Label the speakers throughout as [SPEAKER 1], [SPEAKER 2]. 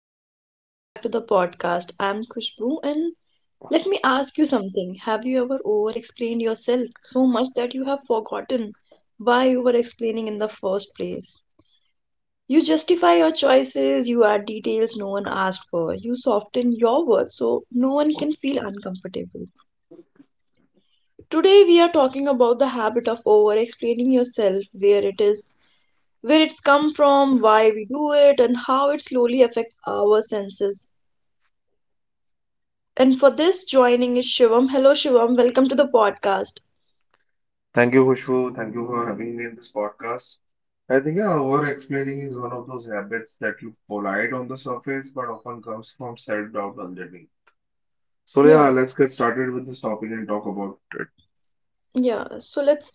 [SPEAKER 1] Everyone, welcome back to the podcast. I'm Kushbu and let me ask you something. Have you ever over explained yourself so much that you have forgotten why you were explaining in the first place? You justify your choices, you add details no one asked for, you soften your words so no one can feel uncomfortable. Today we are talking about the habit of over explaining yourself, where it's come from, why we do it, and how it slowly affects our senses. And for this, joining is Shivam. Hello, Shivam. Welcome to the podcast.
[SPEAKER 2] Thank you, Khushbu. Thank you for having me in this podcast. I think over-explaining is one of those habits that look polite on the surface but often comes from self-doubt underneath. So
[SPEAKER 1] Yeah,
[SPEAKER 2] yeah, let's get started with this topic and talk about it.
[SPEAKER 1] yeah. So let's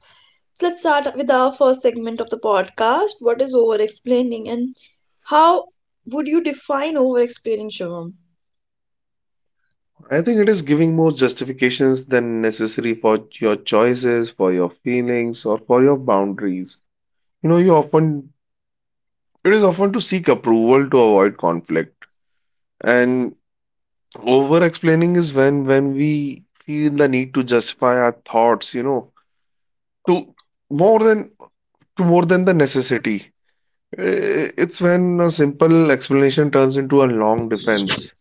[SPEAKER 1] so let's start with our first segment of the podcast. What is over explaining, and how would you define over explaining, Shivam?
[SPEAKER 2] I think it is giving more justifications than necessary for your choices, for your feelings, or for your boundaries. You know, you often it is often to seek approval to avoid conflict. And over-explaining is when we feel the need to justify our thoughts, you know to more than to more than the necessity. It's when a simple explanation turns into a long defense,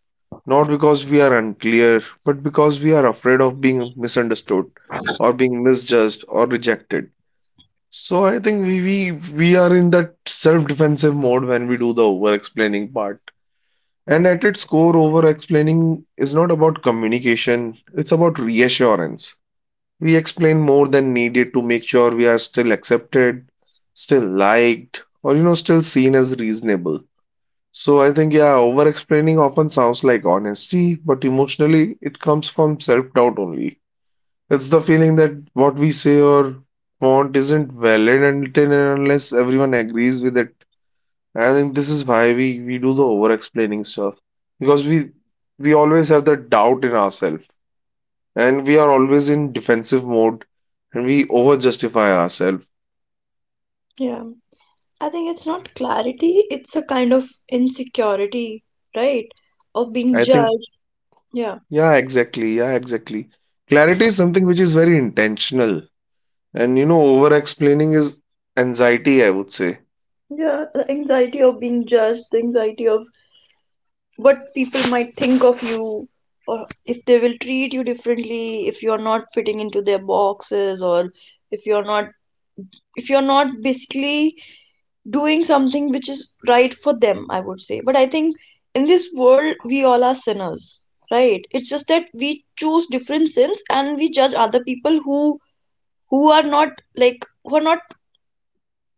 [SPEAKER 2] not because we are unclear, but because we are afraid of being misunderstood or being misjudged or rejected. So I think we we are in that self-defensive mode when we do the over-explaining part. And at its core, over-explaining is not about communication, it's about reassurance. We explain more than needed to make sure we are still accepted, still liked, or you know, still seen as reasonable. So I think, yeah, over explaining often sounds like honesty, but emotionally it comes from self-doubt only. It's the feeling that what we say or want isn't valid until and unless everyone agrees with it. I think this is why we do the over explaining stuff because we always have the doubt in ourselves and we are always in defensive mode and we over justify ourselves.
[SPEAKER 1] Yeah, I think it's not clarity. It's a kind of insecurity, right? Of being
[SPEAKER 2] I think,
[SPEAKER 1] judged. Yeah.
[SPEAKER 2] yeah, exactly. Yeah, exactly. Clarity is something which is very intentional, and you know, over explaining is anxiety, I would say.
[SPEAKER 1] Yeah, the anxiety of being judged, the anxiety of what people might think of you, or if they will treat you differently if you're not fitting into their boxes, or if you're not if you're not basically doing something which is right for them, I would say. But I think in this world we all are sinners, right? It's just that we choose different sins, and we judge other people who are not like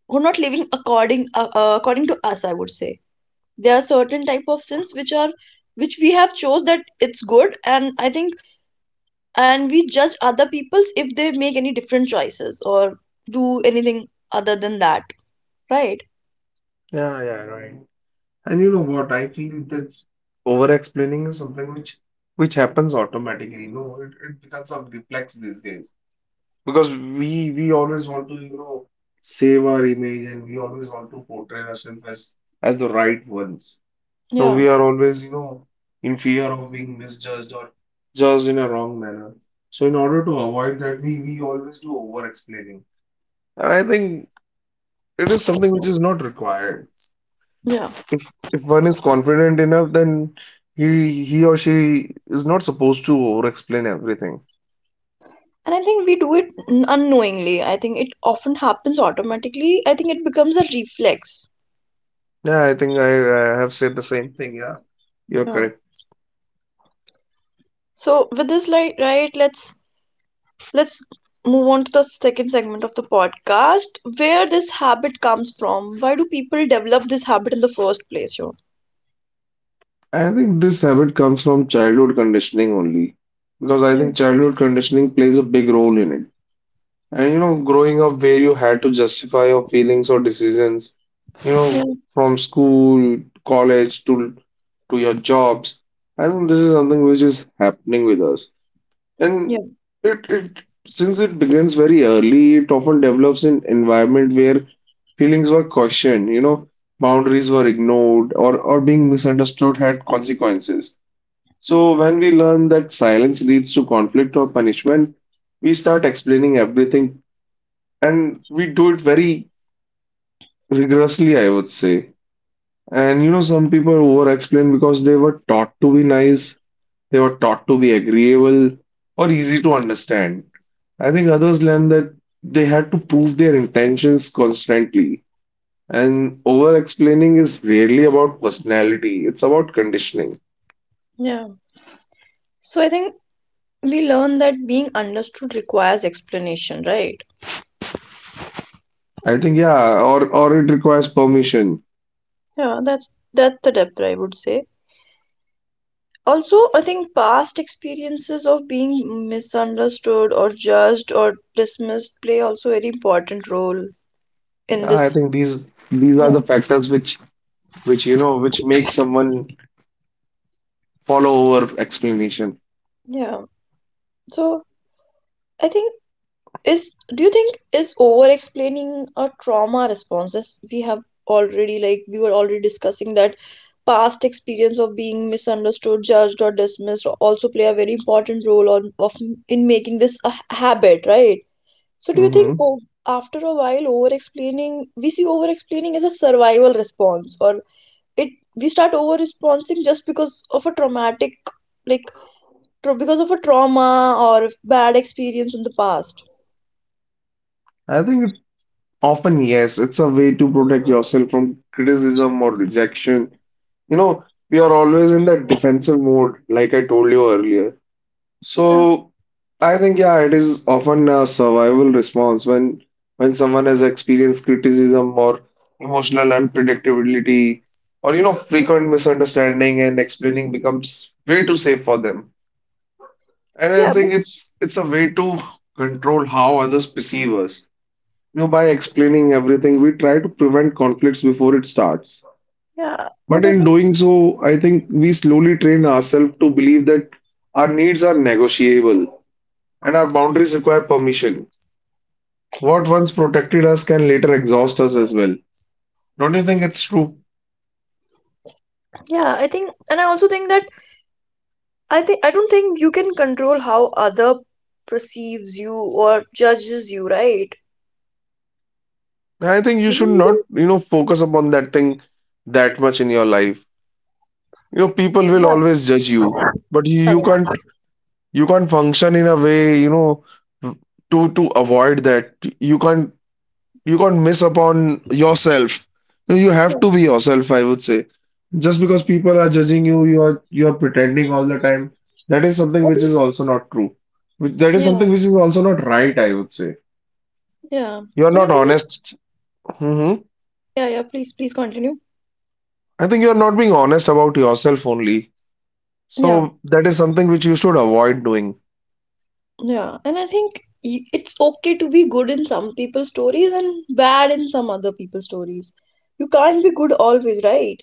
[SPEAKER 1] who are not living according to us, I would say. There are certain type of sins which are which we have chose that it's good. And I think and we judge other people's if they make any different choices or do anything other than that, right?
[SPEAKER 2] Yeah, yeah, right. And you know what? I feel that over explaining is something which happens automatically. You know, it becomes a reflex these days because we always want to you know save our image and we always want to portray ourselves as the right ones. No,
[SPEAKER 1] Yeah.
[SPEAKER 2] we are always, you know, in fear of being misjudged or judged in a wrong manner. So, in order to avoid that, we always do over explaining. And I think it is something which is not required.
[SPEAKER 1] yeah
[SPEAKER 2] If one is confident enough, then he or she is not supposed to over explain everything.
[SPEAKER 1] and I think we do it unknowingly. I think it often happens automatically. I think it becomes a reflex.
[SPEAKER 2] Yeah, I think I have said the same thing. Yeah, you're
[SPEAKER 1] Yeah,
[SPEAKER 2] correct.
[SPEAKER 1] so with this, like, right, let's move on to the second segment of the podcast. Where this habit comes from, why do people develop this habit in the first place, you know?
[SPEAKER 2] I think this habit comes from childhood conditioning only. Because I
[SPEAKER 1] Yeah.
[SPEAKER 2] think childhood conditioning plays a big role in it. And you know, growing up where you had to justify your feelings or decisions, you
[SPEAKER 1] Yeah,
[SPEAKER 2] know, from school, college to your jobs. I think this is something which is happening with us.
[SPEAKER 1] yeah,
[SPEAKER 2] And it since it begins very early, it often develops in environment where feelings were questioned, you know, boundaries were ignored or being misunderstood had consequences. So when we learn that silence leads to conflict or punishment, we start explaining everything and we do it very rigorously, I would say. And you know, some people over explain because they were taught to be nice, they were taught to be agreeable or easy to understand. I think others learn that they had to prove their intentions constantly. And over explaining is rarely about personality, it's about conditioning.
[SPEAKER 1] yeah. So I think we learn that being understood requires explanation, right?
[SPEAKER 2] I think, yeah, or it requires permission.
[SPEAKER 1] Yeah, that's the depth, I would say. Also, I think past experiences of being misunderstood or judged or dismissed play also very important role in
[SPEAKER 2] Yeah, I
[SPEAKER 1] this.
[SPEAKER 2] think these are
[SPEAKER 1] Yeah,
[SPEAKER 2] the factors which you know which make someone follow over explanation.
[SPEAKER 1] yeah. So I think, is do you think is over explaining a trauma responses? We have already, like, we were already discussing that past experience of being misunderstood, judged, or dismissed also play a very important role on of in making this a habit, right? So do you think, after a while, over explaining, we see over explaining as a survival response, or it we start over responding just because of a traumatic, like, because of a trauma or bad experience in the past?
[SPEAKER 2] I think often, yes, it's a way to protect yourself from criticism or rejection. You know, we are always in that defensive mode, like I told you earlier.
[SPEAKER 1] Yeah,
[SPEAKER 2] So I think, yeah, it is often a survival response when someone has experienced criticism or emotional unpredictability or you know frequent misunderstanding and explaining becomes way too safe for them. And I
[SPEAKER 1] yeah.
[SPEAKER 2] think it's a way to control how others perceive us, you know, by explaining everything, we try to prevent conflicts before it starts.
[SPEAKER 1] Yeah, but
[SPEAKER 2] But
[SPEAKER 1] I
[SPEAKER 2] in
[SPEAKER 1] think,
[SPEAKER 2] doing so, I think we slowly train ourselves to believe that our needs are negotiable and our boundaries require permission. What once protected us can later exhaust us as well. Don't you think it's true?
[SPEAKER 1] yeah, I think, and I also think that I think I don't think you can control how other perceives you or judges you, right?
[SPEAKER 2] I think you
[SPEAKER 1] You know,
[SPEAKER 2] should not, you know, focus upon that thing that much in your life. You know, people will
[SPEAKER 1] can,
[SPEAKER 2] always judge you, but you
[SPEAKER 1] yeah,
[SPEAKER 2] can't you can't function in a way, you know, to avoid that. You can't you can't miss upon yourself. No, you
[SPEAKER 1] yeah,
[SPEAKER 2] have
[SPEAKER 1] yeah.
[SPEAKER 2] to be yourself, I would say. Just because people are judging you, you are pretending all the time, that is something
[SPEAKER 1] I
[SPEAKER 2] which is
[SPEAKER 1] think,
[SPEAKER 2] also not true. That is
[SPEAKER 1] yeah,
[SPEAKER 2] something which is also not right, I would say.
[SPEAKER 1] yeah,
[SPEAKER 2] You are
[SPEAKER 1] And I
[SPEAKER 2] not
[SPEAKER 1] think,
[SPEAKER 2] honest. hmm
[SPEAKER 1] yeah, yeah. Please, please continue.
[SPEAKER 2] I think you are not being honest about yourself only.
[SPEAKER 1] Yeah,
[SPEAKER 2] So that is something which you should avoid doing.
[SPEAKER 1] yeah. And I think it's okay to be good in some people's stories and bad in some other people's stories. You can't be good always, right?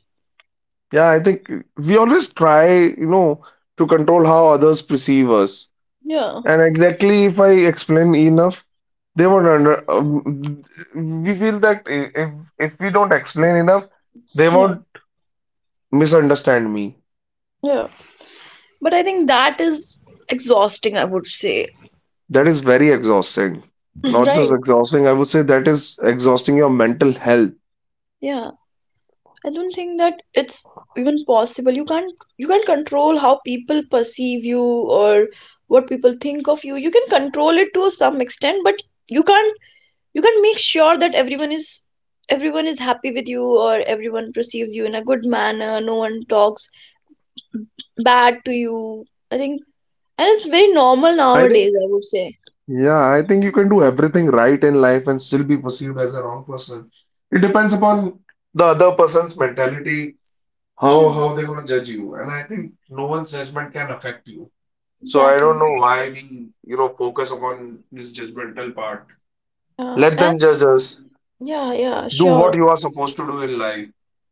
[SPEAKER 2] Yeah, I think we always try, you know, to control how others perceive us.
[SPEAKER 1] Yeah,
[SPEAKER 2] And exactly, if I explain enough, they won't under. We feel that if if we don't explain enough, they
[SPEAKER 1] yeah,
[SPEAKER 2] won't misunderstand me.
[SPEAKER 1] yeah. But I think that is exhausting, I would say,
[SPEAKER 2] That is very exhausting. Not
[SPEAKER 1] right?
[SPEAKER 2] just exhausting, I would say that is exhausting your mental health.
[SPEAKER 1] Yeah, I don't think that it's even possible. You can't control how people perceive you or what people think of you. You can control it to some extent, but you can't you can't make sure that everyone is happy with you, or everyone perceives you in a good manner. No one talks bad to you. I think, and it's very normal
[SPEAKER 2] I think,
[SPEAKER 1] nowadays, I would say.
[SPEAKER 2] yeah, I think you can do everything right in life and still be perceived as a wrong person. It depends upon the other person's mentality. How
[SPEAKER 1] Yeah,
[SPEAKER 2] how they're gonna judge you? And I think no one's judgment can affect you. So I
[SPEAKER 1] exactly.
[SPEAKER 2] don't know why we, you know, focus upon this judgmental part.
[SPEAKER 1] Uh,
[SPEAKER 2] Let them
[SPEAKER 1] and
[SPEAKER 2] judge us.
[SPEAKER 1] yeah, yeah,
[SPEAKER 2] Do what
[SPEAKER 1] sure.
[SPEAKER 2] you are supposed to do in life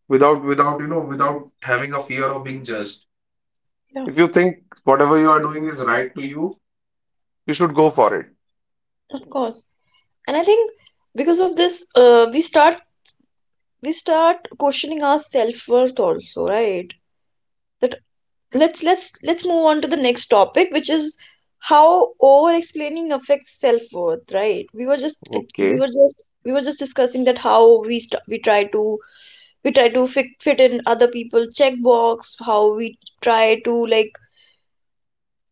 [SPEAKER 2] without you know without having a fear of being judged.
[SPEAKER 1] Yeah,
[SPEAKER 2] If you think whatever you are doing is right to you, you should go for it.
[SPEAKER 1] of course. And I think, because of this, we start questioning our self-worth also, right? that Let's move on to the next topic, which is how over explaining affects self-worth, right? We were just
[SPEAKER 2] Okay.
[SPEAKER 1] discussing that how we try to fit, in other people checkbox, how we try to, like,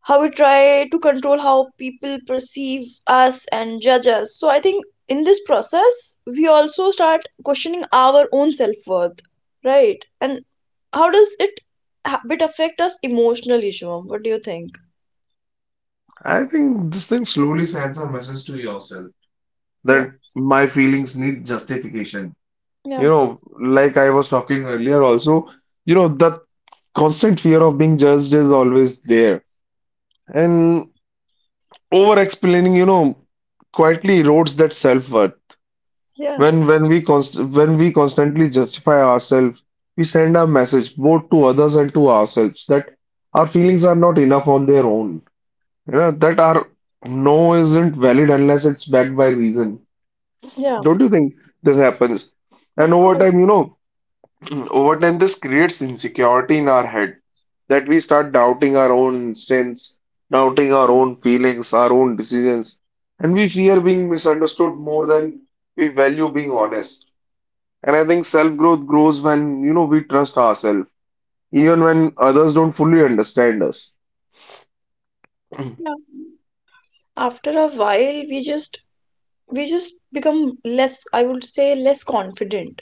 [SPEAKER 1] how we try to control how people perceive us and judge us. So I think in this process, we also start questioning our own self worth, right? And how does it ha- bit affect us emotionally, Shivam? What do you think?
[SPEAKER 2] I think this thing slowly sends a message to yourself
[SPEAKER 1] Yeah,
[SPEAKER 2] that my feelings need justification. You
[SPEAKER 1] yeah,
[SPEAKER 2] know, like I was talking earlier also, you know, the constant fear of being judged is always there. And over explaining, you know, quietly erodes that self-worth.
[SPEAKER 1] yeah,
[SPEAKER 2] When we constantly justify ourselves, we send a message both to others and to ourselves that our feelings are not enough on their own. You know, that our no isn't valid unless it's backed by reason.
[SPEAKER 1] yeah.
[SPEAKER 2] Don't you think this happens? And
[SPEAKER 1] Of
[SPEAKER 2] over
[SPEAKER 1] course.
[SPEAKER 2] time, you know, mm, over time, this creates insecurity in our head that we start doubting our own instincts, doubting our
[SPEAKER 1] Mm,
[SPEAKER 2] own feelings, our own decisions, and we fear being misunderstood more than we value being honest. And I think self-growth grows when, you know, we trust ourselves, even when others don't fully understand us. And
[SPEAKER 1] yeah. After a while, we just become less. I would say less confident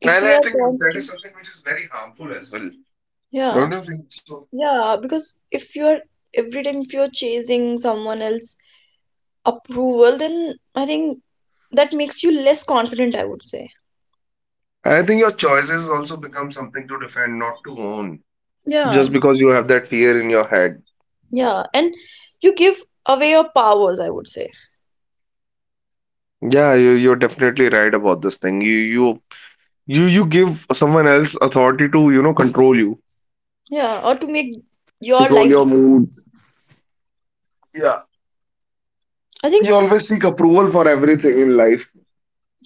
[SPEAKER 1] if we are
[SPEAKER 2] I think that is
[SPEAKER 1] constant.
[SPEAKER 2] something which is very harmful as well.
[SPEAKER 1] Yeah.
[SPEAKER 2] Don't you think so?
[SPEAKER 1] Yeah, because if you're, every time if you're chasing someone else approval, then I think that makes you less confident, I would say.
[SPEAKER 2] I think your choices also become something to defend, not to own,
[SPEAKER 1] Yeah,
[SPEAKER 2] just because you have that fear in your head.
[SPEAKER 1] yeah. And you give away your powers, I would say.
[SPEAKER 2] Yeah, you're definitely right about this thing. You give someone else authority to, you know, control you,
[SPEAKER 1] Yeah, or to make
[SPEAKER 2] control
[SPEAKER 1] your
[SPEAKER 2] your
[SPEAKER 1] life
[SPEAKER 2] mood.
[SPEAKER 1] decisions.
[SPEAKER 2] Yeah,
[SPEAKER 1] I
[SPEAKER 2] you
[SPEAKER 1] think
[SPEAKER 2] always seek approval for everything in life.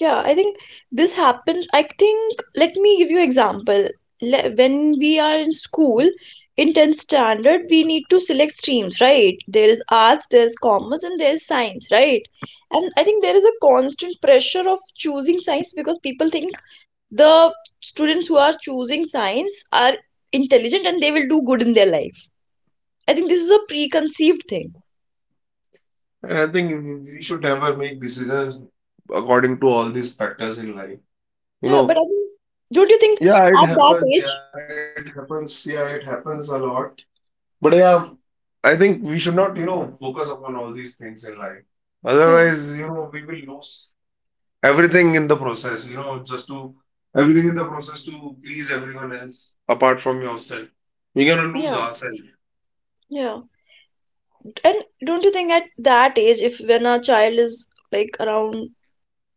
[SPEAKER 1] yeah, I think this happens. I think, let me give you example. When we are in school, in 10th standard, we need to select streams, right? There is arts, there is commerce, and there is science, right? And I think there is a constant pressure of choosing science because people think the students who are choosing science are intelligent and they will do good in their life. I think this is a preconceived thing.
[SPEAKER 2] And I think we should never make decisions according to all these factors in life. You
[SPEAKER 1] Yeah, but I
[SPEAKER 2] know,
[SPEAKER 1] think, don't you think at
[SPEAKER 2] yeah, it
[SPEAKER 1] that
[SPEAKER 2] happens. Yeah,
[SPEAKER 1] age?
[SPEAKER 2] it happens. Yeah, it happens a lot. But yeah, I think we should not, you know, focus upon all these things in life.
[SPEAKER 1] Yeah,
[SPEAKER 2] Otherwise, you know, we will lose. Everything in the process, you know, just to everything in the process to please everyone else apart from yourself. We're gonna lose
[SPEAKER 1] yeah,
[SPEAKER 2] ourselves.
[SPEAKER 1] yeah. And don't you think at that age, if when a child is like around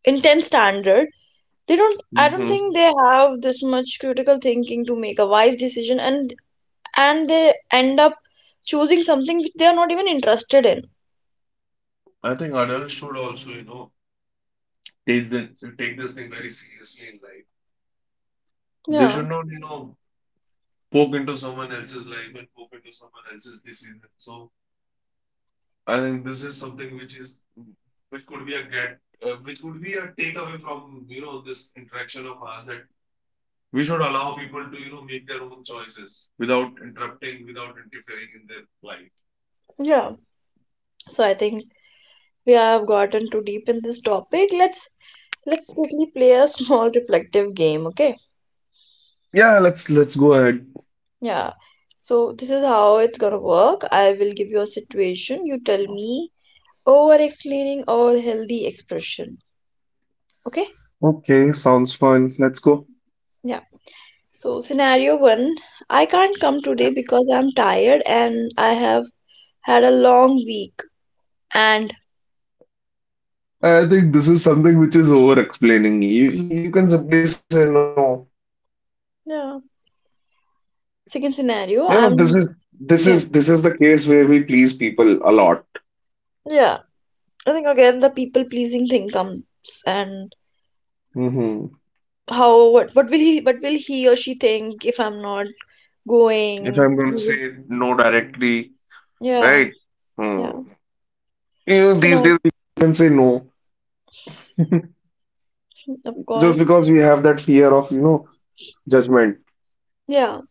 [SPEAKER 1] in 10th standard, they don't, I don't
[SPEAKER 2] hmm
[SPEAKER 1] think they have this much critical thinking to make a wise decision, and they end up choosing something which they are not even interested in.
[SPEAKER 2] I think adults should also, you know, take this thing very seriously in life. They
[SPEAKER 1] Yeah,
[SPEAKER 2] should not, you know, poke into someone else's life and poke into someone else's decision. So I think this is something which is which could be a takeaway from, you know, this interaction of ours, that we should allow people to, you know, make their own choices without interrupting, without interfering in their life.
[SPEAKER 1] yeah. So I think we have gotten too deep in this topic. Let's quickly play a small reflective game. Okay,
[SPEAKER 2] Yeah, let's go ahead.
[SPEAKER 1] yeah. So this is how it's gonna work. I will give you a situation, you tell me over explaining or healthy expression. Okay,
[SPEAKER 2] Okay, sounds fun. Let's go.
[SPEAKER 1] yeah. So, scenario one: I can't come today because I'm tired and I have had a long week. And
[SPEAKER 2] I think this is something which is over-explaining. You can simply say no.
[SPEAKER 1] yeah, second
[SPEAKER 2] You
[SPEAKER 1] scenario,
[SPEAKER 2] know,
[SPEAKER 1] I'm yeah,
[SPEAKER 2] this is the case where we please people a lot.
[SPEAKER 1] yeah. I think again the people pleasing thing comes, and
[SPEAKER 2] hmm
[SPEAKER 1] how, what will he, what will he or she think if I'm not
[SPEAKER 2] If
[SPEAKER 1] going?
[SPEAKER 2] I'm gonna
[SPEAKER 1] He will,
[SPEAKER 2] say no directly,
[SPEAKER 1] yeah,
[SPEAKER 2] right?
[SPEAKER 1] yeah.
[SPEAKER 2] Hmm. You know, these
[SPEAKER 1] Scenario,
[SPEAKER 2] days we can say no
[SPEAKER 1] of
[SPEAKER 2] just
[SPEAKER 1] course,
[SPEAKER 2] because we have that fear of, you know, judgment.
[SPEAKER 1] yeah.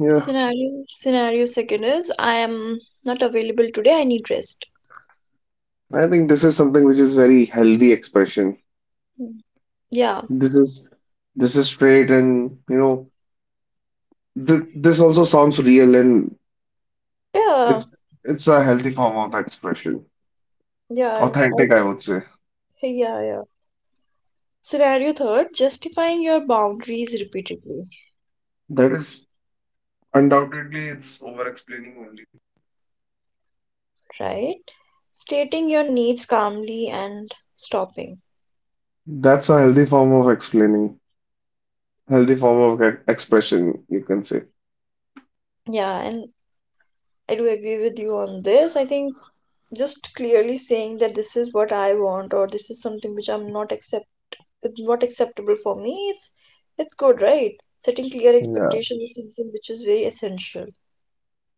[SPEAKER 2] Yeah.
[SPEAKER 1] Scenario second is: I am not available today. I need rest.
[SPEAKER 2] I think this is something which is very healthy expression.
[SPEAKER 1] Mm. Yeah.
[SPEAKER 2] This is this is straight, and you know th this also sounds real and
[SPEAKER 1] Yeah.
[SPEAKER 2] it's it's a healthy form of expression.
[SPEAKER 1] Yeah. I
[SPEAKER 2] Authentic,
[SPEAKER 1] do.
[SPEAKER 2] I would say.
[SPEAKER 1] Hey, yeah, yeah. Scenario third, justifying your boundaries repeatedly,
[SPEAKER 2] That is undoubtedly it's over explaining only.
[SPEAKER 1] right? Stating your needs calmly and stopping.
[SPEAKER 2] That's a healthy form of explaining. Healthy form of expression, you can say.
[SPEAKER 1] Yeah, and I do agree with you on this. I think just clearly saying that this is what I want, or this is something which I'm not accepting, it's not acceptable for me, it's good, right? Setting clear
[SPEAKER 2] Yeah,
[SPEAKER 1] expectations is something which is very essential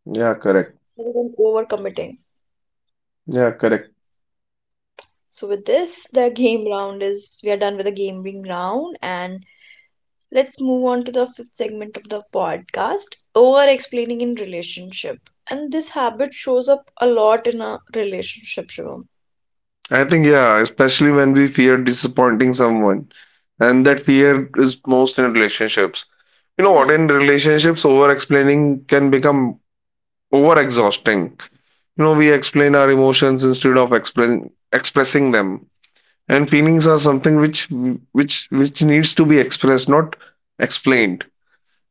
[SPEAKER 2] yeah, correct.
[SPEAKER 1] rather than overcommitting.
[SPEAKER 2] Yeah, correct.
[SPEAKER 1] So with this, the game round is we are done with the gaming round. And let's move on to the fifth segment of the podcast: over explaining in relationship. And this habit shows up a lot in a relationship, Shivam.
[SPEAKER 2] I think, yeah, especially when we fear disappointing someone. And that fear is most in relationships. You know what,
[SPEAKER 1] Yeah.
[SPEAKER 2] in relationships, over explaining can become over exhausting. You know, we explain our emotions instead of expressing them. And feelings are something which needs to be expressed, not explained.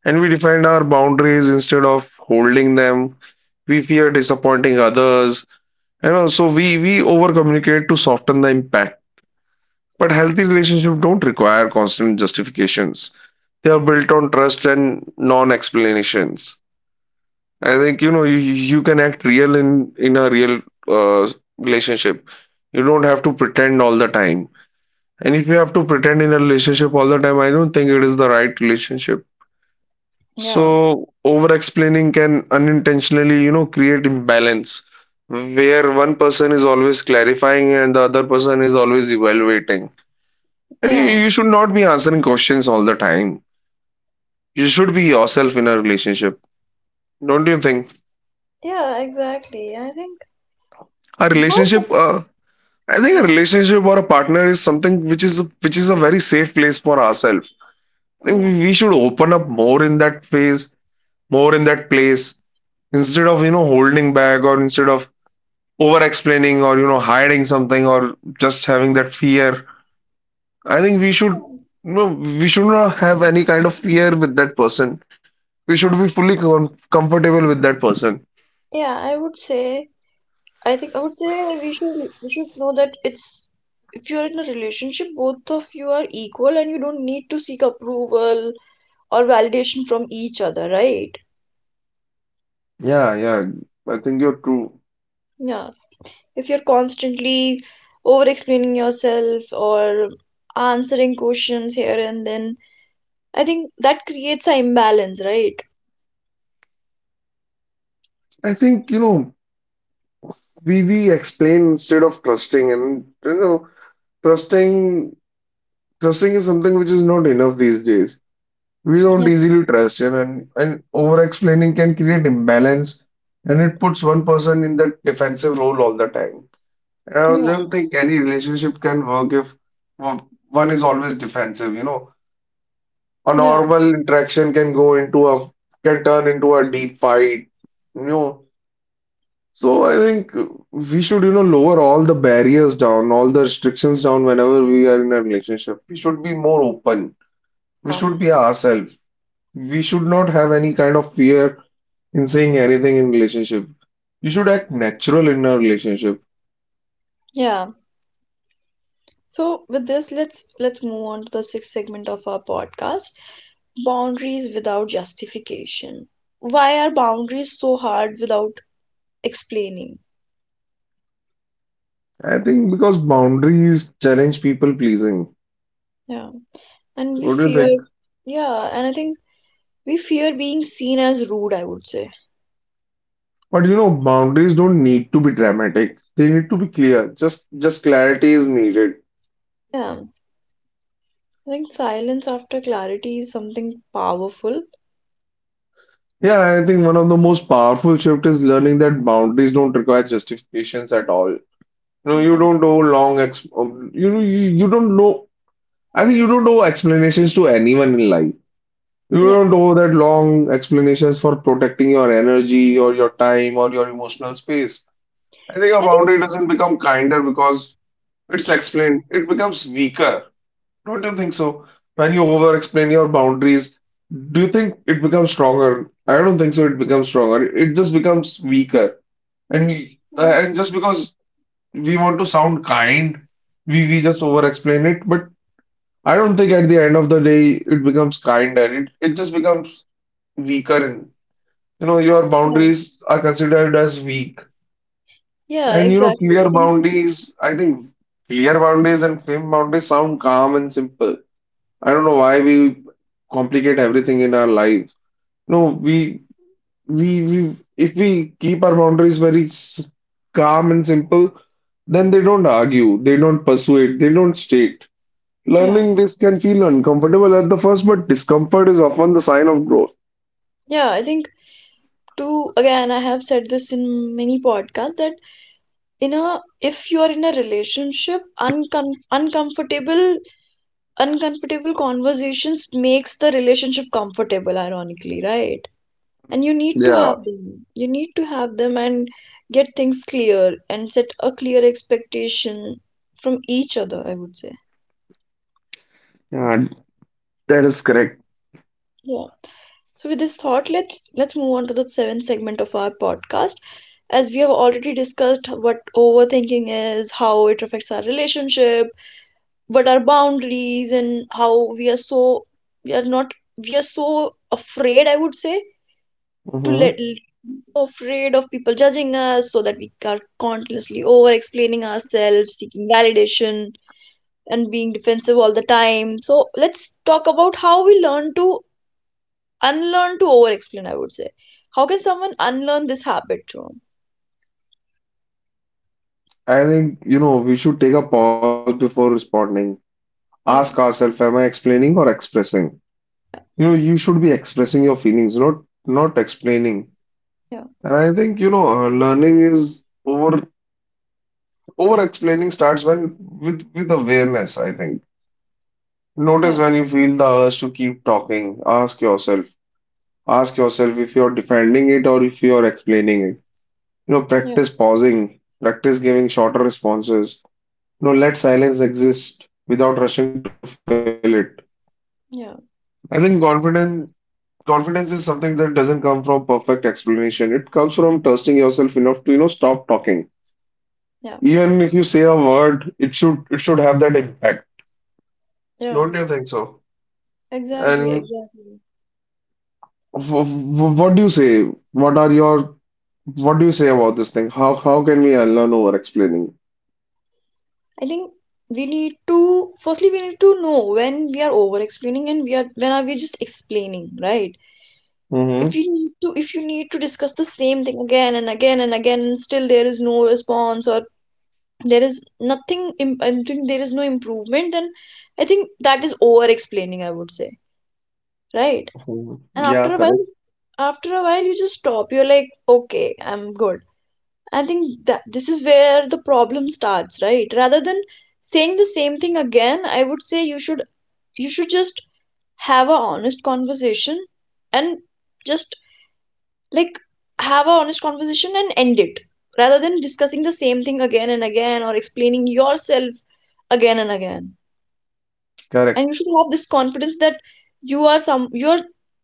[SPEAKER 2] And we defend our boundaries instead of holding them. We fear disappointing others. And also we over communicate to soften the impact, but healthy relationships don't require constant justifications. They are built on trust and non-explanations. I think you can act real in a real uh, relationship. You don't have to pretend all the time. And if you have to pretend in a relationship all the time, I don't think it is the right relationship.
[SPEAKER 1] yeah
[SPEAKER 2] So over-explaining can unintentionally, create imbalance where one person is always clarifying and the other person is always evaluating. And you,
[SPEAKER 1] yeah
[SPEAKER 2] you should not be answering questions all the time. You should be yourself in a relationship. Don't you think?
[SPEAKER 1] yeah exactly. I think
[SPEAKER 2] A
[SPEAKER 1] yours
[SPEAKER 2] relationship,
[SPEAKER 1] is-
[SPEAKER 2] I think a
[SPEAKER 1] yeah,
[SPEAKER 2] relationship or a partner is something which is a very safe place for ourselves. I think
[SPEAKER 1] yeah,
[SPEAKER 2] we should open up more in that phase, more in that place, instead of holding back, or instead of over explaining, or hiding something, or just having that fear. I think we should No, we should not have any kind of fear with that person. We should be fully comfortable with that person.
[SPEAKER 1] yeah, I would say. I think I would say we should we should know that it's if you're in a relationship, both of you are equal and you don't need to seek approval or validation from each other, right?
[SPEAKER 2] Yeah, yeah. I think you're true.
[SPEAKER 1] Yeah. If you're constantly over explaining yourself or answering questions here and then, I think that creates an imbalance, right?
[SPEAKER 2] I think, we explain instead of trusting, and trusting trusting is something which is not enough these days. We don't
[SPEAKER 1] Yeah.
[SPEAKER 2] easily trust, and over explaining can create imbalance, and it puts one person in that defensive role all the time. I
[SPEAKER 1] Yeah.
[SPEAKER 2] don't think any relationship can work if one is always defensive, you know. A
[SPEAKER 1] Yeah.
[SPEAKER 2] normal interaction can go into a can turn into a deep fight, you know. So I think we should, lower all the barriers down, all the restrictions down whenever we are in a relationship. We should be more open. We
[SPEAKER 1] Yeah.
[SPEAKER 2] should be ourselves. We should not have any kind of fear in saying anything in relationship. You should act natural in a relationship.
[SPEAKER 1] Yeah. So with this, let's move on to the sixth segment of our podcast, boundaries without justification. Why are boundaries so hard without explaining?
[SPEAKER 2] I think because boundaries challenge people pleasing.
[SPEAKER 1] Yeah. And we
[SPEAKER 2] What do you
[SPEAKER 1] fear,
[SPEAKER 2] think?
[SPEAKER 1] yeah, and I think we fear being seen as rude, I would say.
[SPEAKER 2] But you know, boundaries don't need to be dramatic. They need to be clear. Just clarity is needed.
[SPEAKER 1] Yeah. I think silence after clarity is something powerful.
[SPEAKER 2] Yeah, I think one of the most powerful shift is learning that boundaries don't require justifications at all. You know, you
[SPEAKER 1] Yeah,
[SPEAKER 2] don't owe long ex you know you you don't know. I think you don't owe explanations to anyone in life. You
[SPEAKER 1] yeah.
[SPEAKER 2] don't owe that long explanations for protecting your energy or your time or your emotional space. I think a
[SPEAKER 1] I think,
[SPEAKER 2] boundary doesn't become kinder because it's explained. It becomes weaker. Don't you think so? When you over explain your boundaries, do you think it becomes stronger? I don't think so. It becomes stronger. It just becomes weaker. And and just because we want to sound kind, we just over explain it. But I don't think at the end of the day it becomes kind, and it just becomes weaker. And, you know, your
[SPEAKER 1] yeah,
[SPEAKER 2] boundaries are considered as weak.
[SPEAKER 1] yeah,
[SPEAKER 2] And, you know,
[SPEAKER 1] exactly. I
[SPEAKER 2] clear
[SPEAKER 1] think,
[SPEAKER 2] boundaries, I think clear boundaries and firm boundaries sound calm and simple. I don't know why we complicate everything in our lives. No, we if we keep our boundaries very calm and simple, then they don't argue, they don't persuade, they don't state.
[SPEAKER 1] yeah.
[SPEAKER 2] Learning this can feel uncomfortable at the first, but discomfort is often the sign of growth.
[SPEAKER 1] Yeah, I think, too, again, I have said this in many podcasts that in a, if you are in a relationship, uncomfortable conversations makes the relationship comfortable, ironically, right? And you need to
[SPEAKER 2] Yeah,
[SPEAKER 1] have them, you need to have them, and get things clear and set a clear expectation from each other, I would say.
[SPEAKER 2] yeah, that is correct.
[SPEAKER 1] Yeah, so with this thought, let's move on to the seventh segment of our podcast. As we have already discussed what overthinking is, how it affects our relationship, what are boundaries, and how we are so we are not we are so afraid, I would say, to let
[SPEAKER 2] Mhm.
[SPEAKER 1] so afraid of people judging us, so that we are continuously over explaining ourselves, seeking validation, and being defensive all the time. So let's talk about how we learn to unlearn to over explain, I would say. How can someone unlearn this habit, Jerome?
[SPEAKER 2] I think, you know, we should take a pause before responding. Ask
[SPEAKER 1] yeah
[SPEAKER 2] ourselves, am I explaining or expressing? You know, you should be expressing your feelings, not explaining.
[SPEAKER 1] yeah yeah
[SPEAKER 2] And I think, you know, learning is over explaining starts when with awareness, I think. Notice
[SPEAKER 1] yeah
[SPEAKER 2] when you feel the urge to keep talking, ask yourself if you're defending it or if you're explaining it. You know,
[SPEAKER 1] yeah
[SPEAKER 2] practice pausing, practice giving shorter responses. You know, let silence exist without rushing to fill it. I
[SPEAKER 1] yeah
[SPEAKER 2] think Confidence is something that doesn't come from perfect explanation. It comes from trusting yourself enough to, you know, stop talking.
[SPEAKER 1] yeah.
[SPEAKER 2] Even if you say a word, it should have that impact.
[SPEAKER 1] Yeah.
[SPEAKER 2] Don't you think so?
[SPEAKER 1] Exactly,
[SPEAKER 2] And
[SPEAKER 1] exactly.
[SPEAKER 2] w w what do you say? What are your what do you say about this thing? How can we unlearn over explaining?
[SPEAKER 1] I think we need to, firstly we need to know when we are over explaining and we are when are we just explaining, right? If
[SPEAKER 2] Mm-hmm.
[SPEAKER 1] you need to if you need to discuss the same thing again and again and again and still there is no response or there is nothing im- I think there is no improvement, then I think that is over explaining, I would say, right? And
[SPEAKER 2] Yeah,
[SPEAKER 1] after a while
[SPEAKER 2] correct,
[SPEAKER 1] after a while you just stop. You're like, okay, I'm good. I think that this is where the problem starts, right? Rather than saying the same thing again, I would say you should just have a honest conversation and just like have a honest conversation and end it, rather than discussing the same thing again and again or explaining yourself again and again.
[SPEAKER 2] correct.
[SPEAKER 1] And you should have this confidence that you are some you're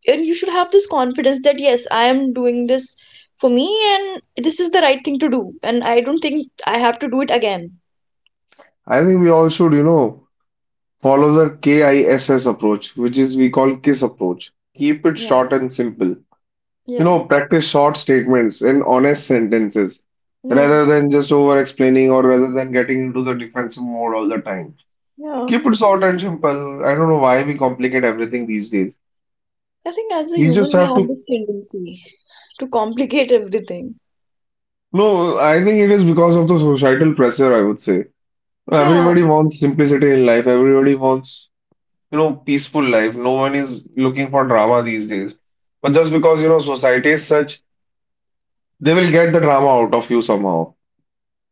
[SPEAKER 1] and you should have this confidence that yes, I am doing this for me, and this is the right thing to do, and I don't think I have to do it again.
[SPEAKER 2] I think we all should, you know, follow the KISS approach, which is we call KISS approach. Keep it
[SPEAKER 1] Yeah,
[SPEAKER 2] short and simple. You
[SPEAKER 1] yeah,
[SPEAKER 2] know, practice short statements and honest sentences
[SPEAKER 1] yeah,
[SPEAKER 2] rather than just over explaining, or rather than getting into the defensive mode all the time.
[SPEAKER 1] yeah.
[SPEAKER 2] Keep it short and simple. I don't know why we complicate everything these days.
[SPEAKER 1] I think as a
[SPEAKER 2] We just
[SPEAKER 1] human, we
[SPEAKER 2] have
[SPEAKER 1] have
[SPEAKER 2] to.
[SPEAKER 1] this tendency to complicate everything.
[SPEAKER 2] No, I think it is because of the societal pressure, I would say.
[SPEAKER 1] Yeah,
[SPEAKER 2] Everybody wants simplicity in life. Everybody wants, you know, peaceful life. No one is looking for drama these days. But just because, you know, society is such, they will get the drama out of you somehow.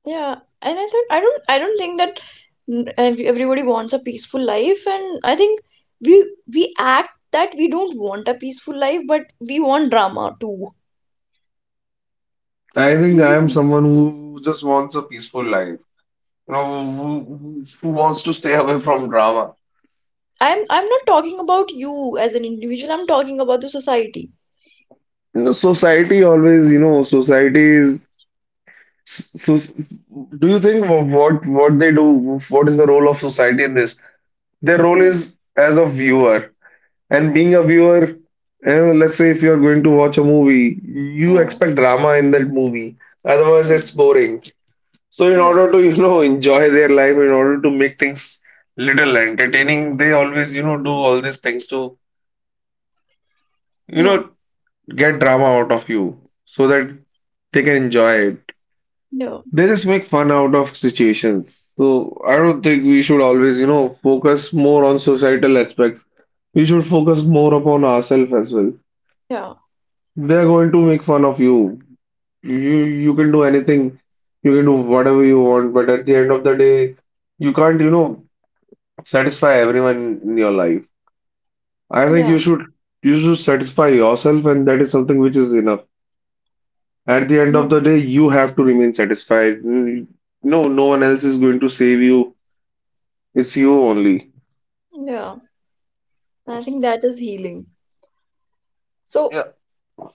[SPEAKER 1] yeah. And I thought I don't think that everybody wants a peaceful life, and I think we we act that we don't want a peaceful life, but we want drama too.
[SPEAKER 2] I think I am
[SPEAKER 1] Mhm.
[SPEAKER 2] someone who just wants a peaceful life, you know, who wants to stay away from drama.
[SPEAKER 1] I'm not talking about you as an individual. I'm talking about the society.
[SPEAKER 2] You know, society always, you know, society is so. Do you think what they do? What is the role of society in this? Their role
[SPEAKER 1] Yeah,
[SPEAKER 2] is as a viewer, and being a viewer, you know, let's say if you are going to watch a movie, you
[SPEAKER 1] yeah,
[SPEAKER 2] expect drama in that movie. Otherwise, it's boring. So in
[SPEAKER 1] yeah,
[SPEAKER 2] order to, you know, enjoy their life, in order to make things little entertaining, they always, you know, do all these things to, you
[SPEAKER 1] yeah,
[SPEAKER 2] know, get drama out of you so that they can enjoy it.
[SPEAKER 1] yeah,
[SPEAKER 2] They just make fun out of situations. So I don't think we should always, you know, focus more on societal aspects. We should focus more upon ourselves as well.
[SPEAKER 1] yeah,
[SPEAKER 2] They're going to make fun of you. You you can do anything. You can do whatever you want, but at the end of the day, you can't, you know, satisfy everyone in your life. I think
[SPEAKER 1] yeah,
[SPEAKER 2] you should satisfy yourself, and that is something which is enough. At the end
[SPEAKER 1] yeah.
[SPEAKER 2] of the day, you have to remain satisfied. Mm, no, no one else is going to save you. It's you only.
[SPEAKER 1] Yeah. I think that is healing. So
[SPEAKER 2] Yeah.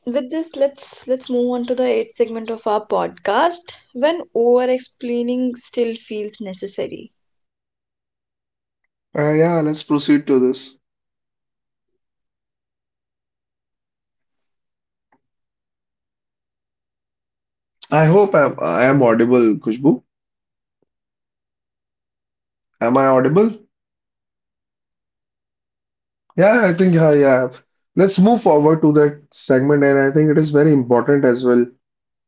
[SPEAKER 1] with this, let's move on to the eighth segment of our podcast: when over explaining still feels necessary. Are these moments
[SPEAKER 2] Yeah,
[SPEAKER 1] when
[SPEAKER 2] let's
[SPEAKER 1] explaining
[SPEAKER 2] proceed to
[SPEAKER 1] is
[SPEAKER 2] this.
[SPEAKER 1] healthy? What do you think, Shivam?
[SPEAKER 2] I hope I am audible, Kushbu. Am I audible? Yeah, I think yeah, yeah. Let's move forward to that segment, and I think it is very
[SPEAKER 1] Yes,
[SPEAKER 2] important as well
[SPEAKER 1] I think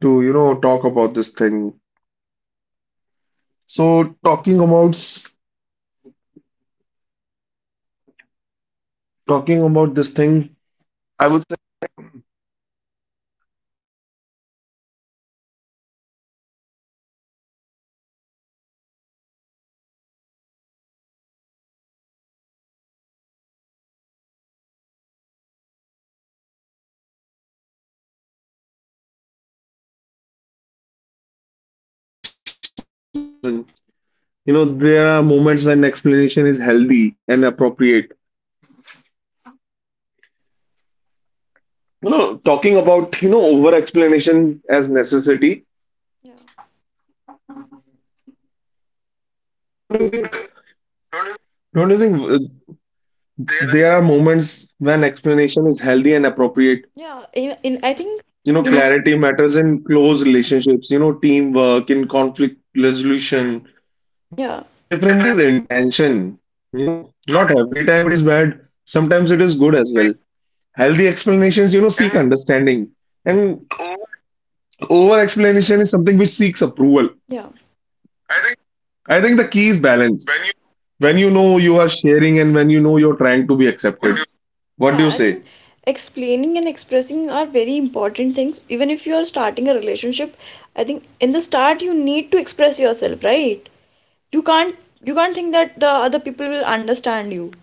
[SPEAKER 2] to, you know,
[SPEAKER 1] sometimes
[SPEAKER 2] talk
[SPEAKER 1] an
[SPEAKER 2] about this thing.
[SPEAKER 1] explanation or explaining yourself
[SPEAKER 2] So,
[SPEAKER 1] is healthy, because there this is the path when the mutual
[SPEAKER 2] talking about this
[SPEAKER 1] respect and
[SPEAKER 2] thing, I would
[SPEAKER 1] curiosity,
[SPEAKER 2] say
[SPEAKER 1] if it's there, then you need to, you know, explain or express your
[SPEAKER 2] there are
[SPEAKER 1] emotions.
[SPEAKER 2] moments
[SPEAKER 1] I
[SPEAKER 2] when,
[SPEAKER 1] think
[SPEAKER 2] you know,
[SPEAKER 1] in the very
[SPEAKER 2] explanation is
[SPEAKER 1] beginning of…
[SPEAKER 2] healthy. You know, when there is mutual respect or curiosity. But I think these days, you know, there is we feel that there is a necessity of for explanation. You know, there are moments when explanation is healthy and appropriate. You know, talking about, you know, over explanation as necessity,
[SPEAKER 1] Yeah.
[SPEAKER 2] don't you think
[SPEAKER 1] Not
[SPEAKER 2] don't you think
[SPEAKER 1] there.
[SPEAKER 2] there are moments when explanation is healthy and appropriate.
[SPEAKER 1] Yeah. In I think… You
[SPEAKER 2] You
[SPEAKER 1] in
[SPEAKER 2] know,
[SPEAKER 1] know,
[SPEAKER 2] clarity matters in close relationships, you know, teamwork, in conflict
[SPEAKER 1] in mm.
[SPEAKER 2] resolution. The
[SPEAKER 1] Yeah,
[SPEAKER 2] difference is
[SPEAKER 1] difference.
[SPEAKER 2] intention. You know, not every time
[SPEAKER 1] Not
[SPEAKER 2] it is bad, sometimes it is good as well.
[SPEAKER 1] everything.
[SPEAKER 2] Healthy explanations, you know, seek
[SPEAKER 1] And
[SPEAKER 2] understanding. And
[SPEAKER 1] over,
[SPEAKER 2] over explanation is something which seeks approval.
[SPEAKER 1] yeah. I think
[SPEAKER 2] I think the key is
[SPEAKER 1] when you
[SPEAKER 2] balance. When you know you are sharing and when you know you're trying to be
[SPEAKER 1] what you mm.
[SPEAKER 2] accepted.
[SPEAKER 1] Yeah, I
[SPEAKER 2] What do
[SPEAKER 1] think
[SPEAKER 2] you say?
[SPEAKER 1] explaining and expressing are very important things. Even if you are starting a relationship, I think in the start you need to express yourself, right? You can't you can't think that the other people will understand you,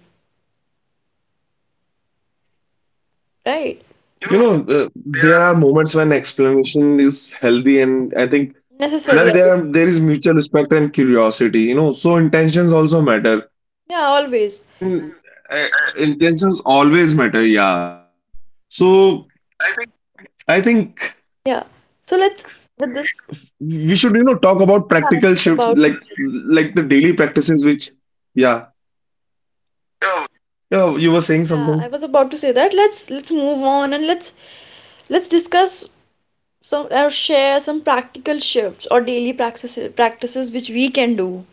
[SPEAKER 1] right? You know,
[SPEAKER 2] You
[SPEAKER 1] there
[SPEAKER 2] know,
[SPEAKER 1] are…
[SPEAKER 2] there are moments when explanation is healthy, and I think
[SPEAKER 1] Necessary, I would say.
[SPEAKER 2] there is mutual respect and curiosity. You know, so intentions also matter,
[SPEAKER 1] Yeah, always.
[SPEAKER 2] and
[SPEAKER 1] Mm,
[SPEAKER 2] uh,
[SPEAKER 1] I,
[SPEAKER 2] intentions always matter. Yeah, correct. So
[SPEAKER 1] I think…
[SPEAKER 2] I think
[SPEAKER 1] Yeah. So let's, with this…
[SPEAKER 2] we should, you know, talk about
[SPEAKER 1] Yeah, I
[SPEAKER 2] practical
[SPEAKER 1] was
[SPEAKER 2] shifts
[SPEAKER 1] about to
[SPEAKER 2] like
[SPEAKER 1] say.
[SPEAKER 2] the daily practices which, yeah,
[SPEAKER 1] So,
[SPEAKER 2] you know, you were saying
[SPEAKER 1] yeah, I was
[SPEAKER 2] something.
[SPEAKER 1] about to say that. Let's move on and let's discuss some or share some practical shifts or daily practices which we can do.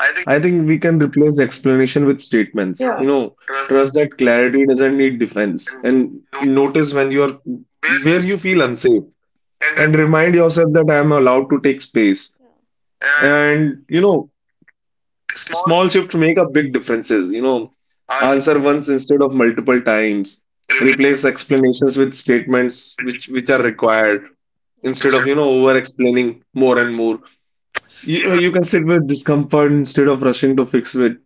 [SPEAKER 1] I think…
[SPEAKER 2] I think we can replace explanation with
[SPEAKER 1] Yeah,
[SPEAKER 2] statements. You know,
[SPEAKER 1] it
[SPEAKER 2] trust that clarity doesn't need defense,
[SPEAKER 1] and
[SPEAKER 2] and
[SPEAKER 1] note
[SPEAKER 2] notice when you are where you feel unsafe
[SPEAKER 1] and re-.
[SPEAKER 2] and remind yourself that I am allowed to take space.
[SPEAKER 1] Yeah, and
[SPEAKER 2] And you know,
[SPEAKER 1] small,
[SPEAKER 2] small shifts make a big differences. You know,
[SPEAKER 1] answer,
[SPEAKER 2] answer once instead of multiple times.
[SPEAKER 1] replace
[SPEAKER 2] Replace explanations with statements
[SPEAKER 1] with.
[SPEAKER 2] which are required
[SPEAKER 1] Yeah,
[SPEAKER 2] instead
[SPEAKER 1] instead
[SPEAKER 2] of you know over explaining more
[SPEAKER 1] of more
[SPEAKER 2] and more.
[SPEAKER 1] advice. Even.
[SPEAKER 2] You can sit with discomfort instead of rushing to fix it.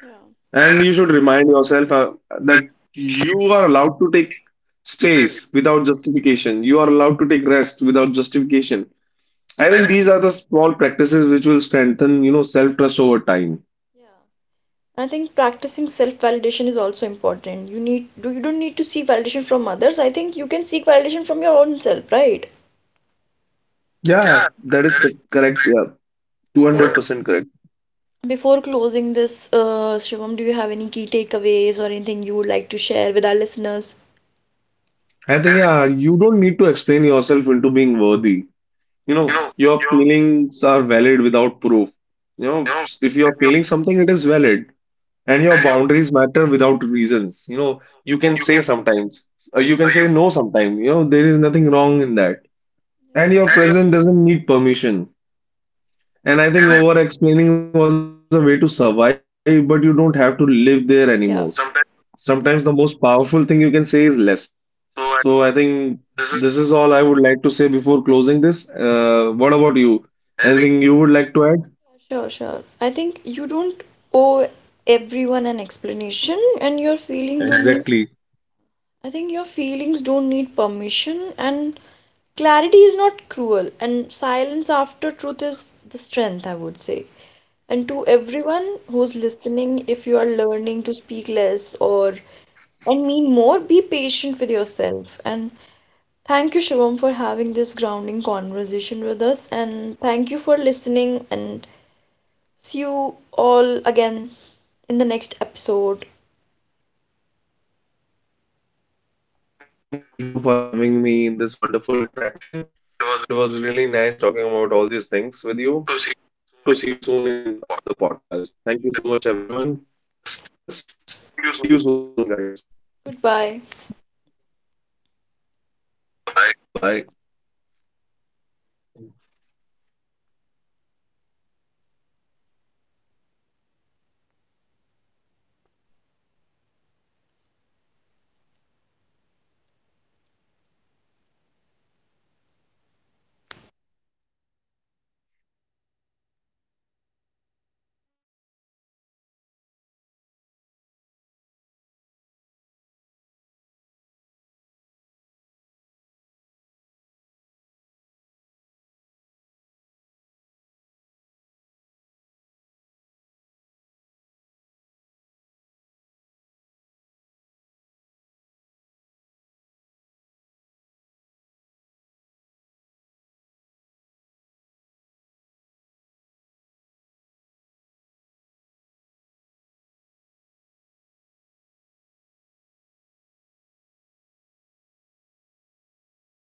[SPEAKER 1] Yeah,
[SPEAKER 2] And
[SPEAKER 1] and
[SPEAKER 2] you should remind yourself that
[SPEAKER 1] that, you,
[SPEAKER 2] you are allowed to take
[SPEAKER 1] space.
[SPEAKER 2] space without justification. You are allowed to take rest without justification. I
[SPEAKER 1] I
[SPEAKER 2] think
[SPEAKER 1] think…
[SPEAKER 2] these are the small practices which will strengthen, you know, self-trust over time.
[SPEAKER 1] Yeah. I think practicing self-validation is also important. You need, do you don't need to seek validation from others. I think you can seek validation from your own self, right?
[SPEAKER 2] Yeah,
[SPEAKER 1] Yeah,
[SPEAKER 2] that is
[SPEAKER 1] that is
[SPEAKER 2] correct. Yeah,
[SPEAKER 1] right. So
[SPEAKER 2] 200% correct.
[SPEAKER 1] before closing this, Shivam, do you have any key takeaways or anything you would like to share with our listeners?
[SPEAKER 2] I think,
[SPEAKER 1] I think,
[SPEAKER 2] yeah, you don't need to explain yourself into being worthy. You
[SPEAKER 1] you
[SPEAKER 2] know,
[SPEAKER 1] know,
[SPEAKER 2] your
[SPEAKER 1] your,
[SPEAKER 2] feelings are valid without proof. You
[SPEAKER 1] you
[SPEAKER 2] know,
[SPEAKER 1] know,
[SPEAKER 2] if you
[SPEAKER 1] with
[SPEAKER 2] are
[SPEAKER 1] your,
[SPEAKER 2] feeling something, it is valid. And your
[SPEAKER 1] any of,
[SPEAKER 2] boundaries matter without reasons. You know,
[SPEAKER 1] you
[SPEAKER 2] you can
[SPEAKER 1] you can,
[SPEAKER 2] say sometimes, or you can
[SPEAKER 1] you.
[SPEAKER 2] say no sometimes. You know, there is nothing wrong in that. And
[SPEAKER 1] Yeah,
[SPEAKER 2] your
[SPEAKER 1] any of,
[SPEAKER 2] present doesn't need permission. And I think
[SPEAKER 1] and I.
[SPEAKER 2] over explaining was a way to survive, but you don't have to live there anymore.
[SPEAKER 1] Yeah, sometimes
[SPEAKER 2] Sometimes the most powerful thing you can say is less.
[SPEAKER 1] so I,
[SPEAKER 2] So I think
[SPEAKER 1] this is,
[SPEAKER 2] this is all I would like to say before closing this. What about you?
[SPEAKER 1] I think…
[SPEAKER 2] Anything you would like to add?
[SPEAKER 1] Sure, sure. I think you don't owe everyone an explanation, and your feeling don't need,
[SPEAKER 2] Exactly.
[SPEAKER 1] I think your feelings don't need permission, and clarity is not cruel, and silence after truth is the strength, I would say. And to everyone who's listening, if you are learning to speak less or and mean more, be patient with yourself. And thank you, Shivam, for having this grounding conversation with us, and thank you for listening, and see you all again in the next episode.
[SPEAKER 2] Thank you so much, Kushbu, for having me in this wonderful interaction. It was really nice talking about all these things with you, and hope to see you soon in another podcast. Thank you so much, everyone, for listening to us. See you super soon, guys.
[SPEAKER 1] Goodbye.
[SPEAKER 2] Goodbye.
[SPEAKER 1] Bye.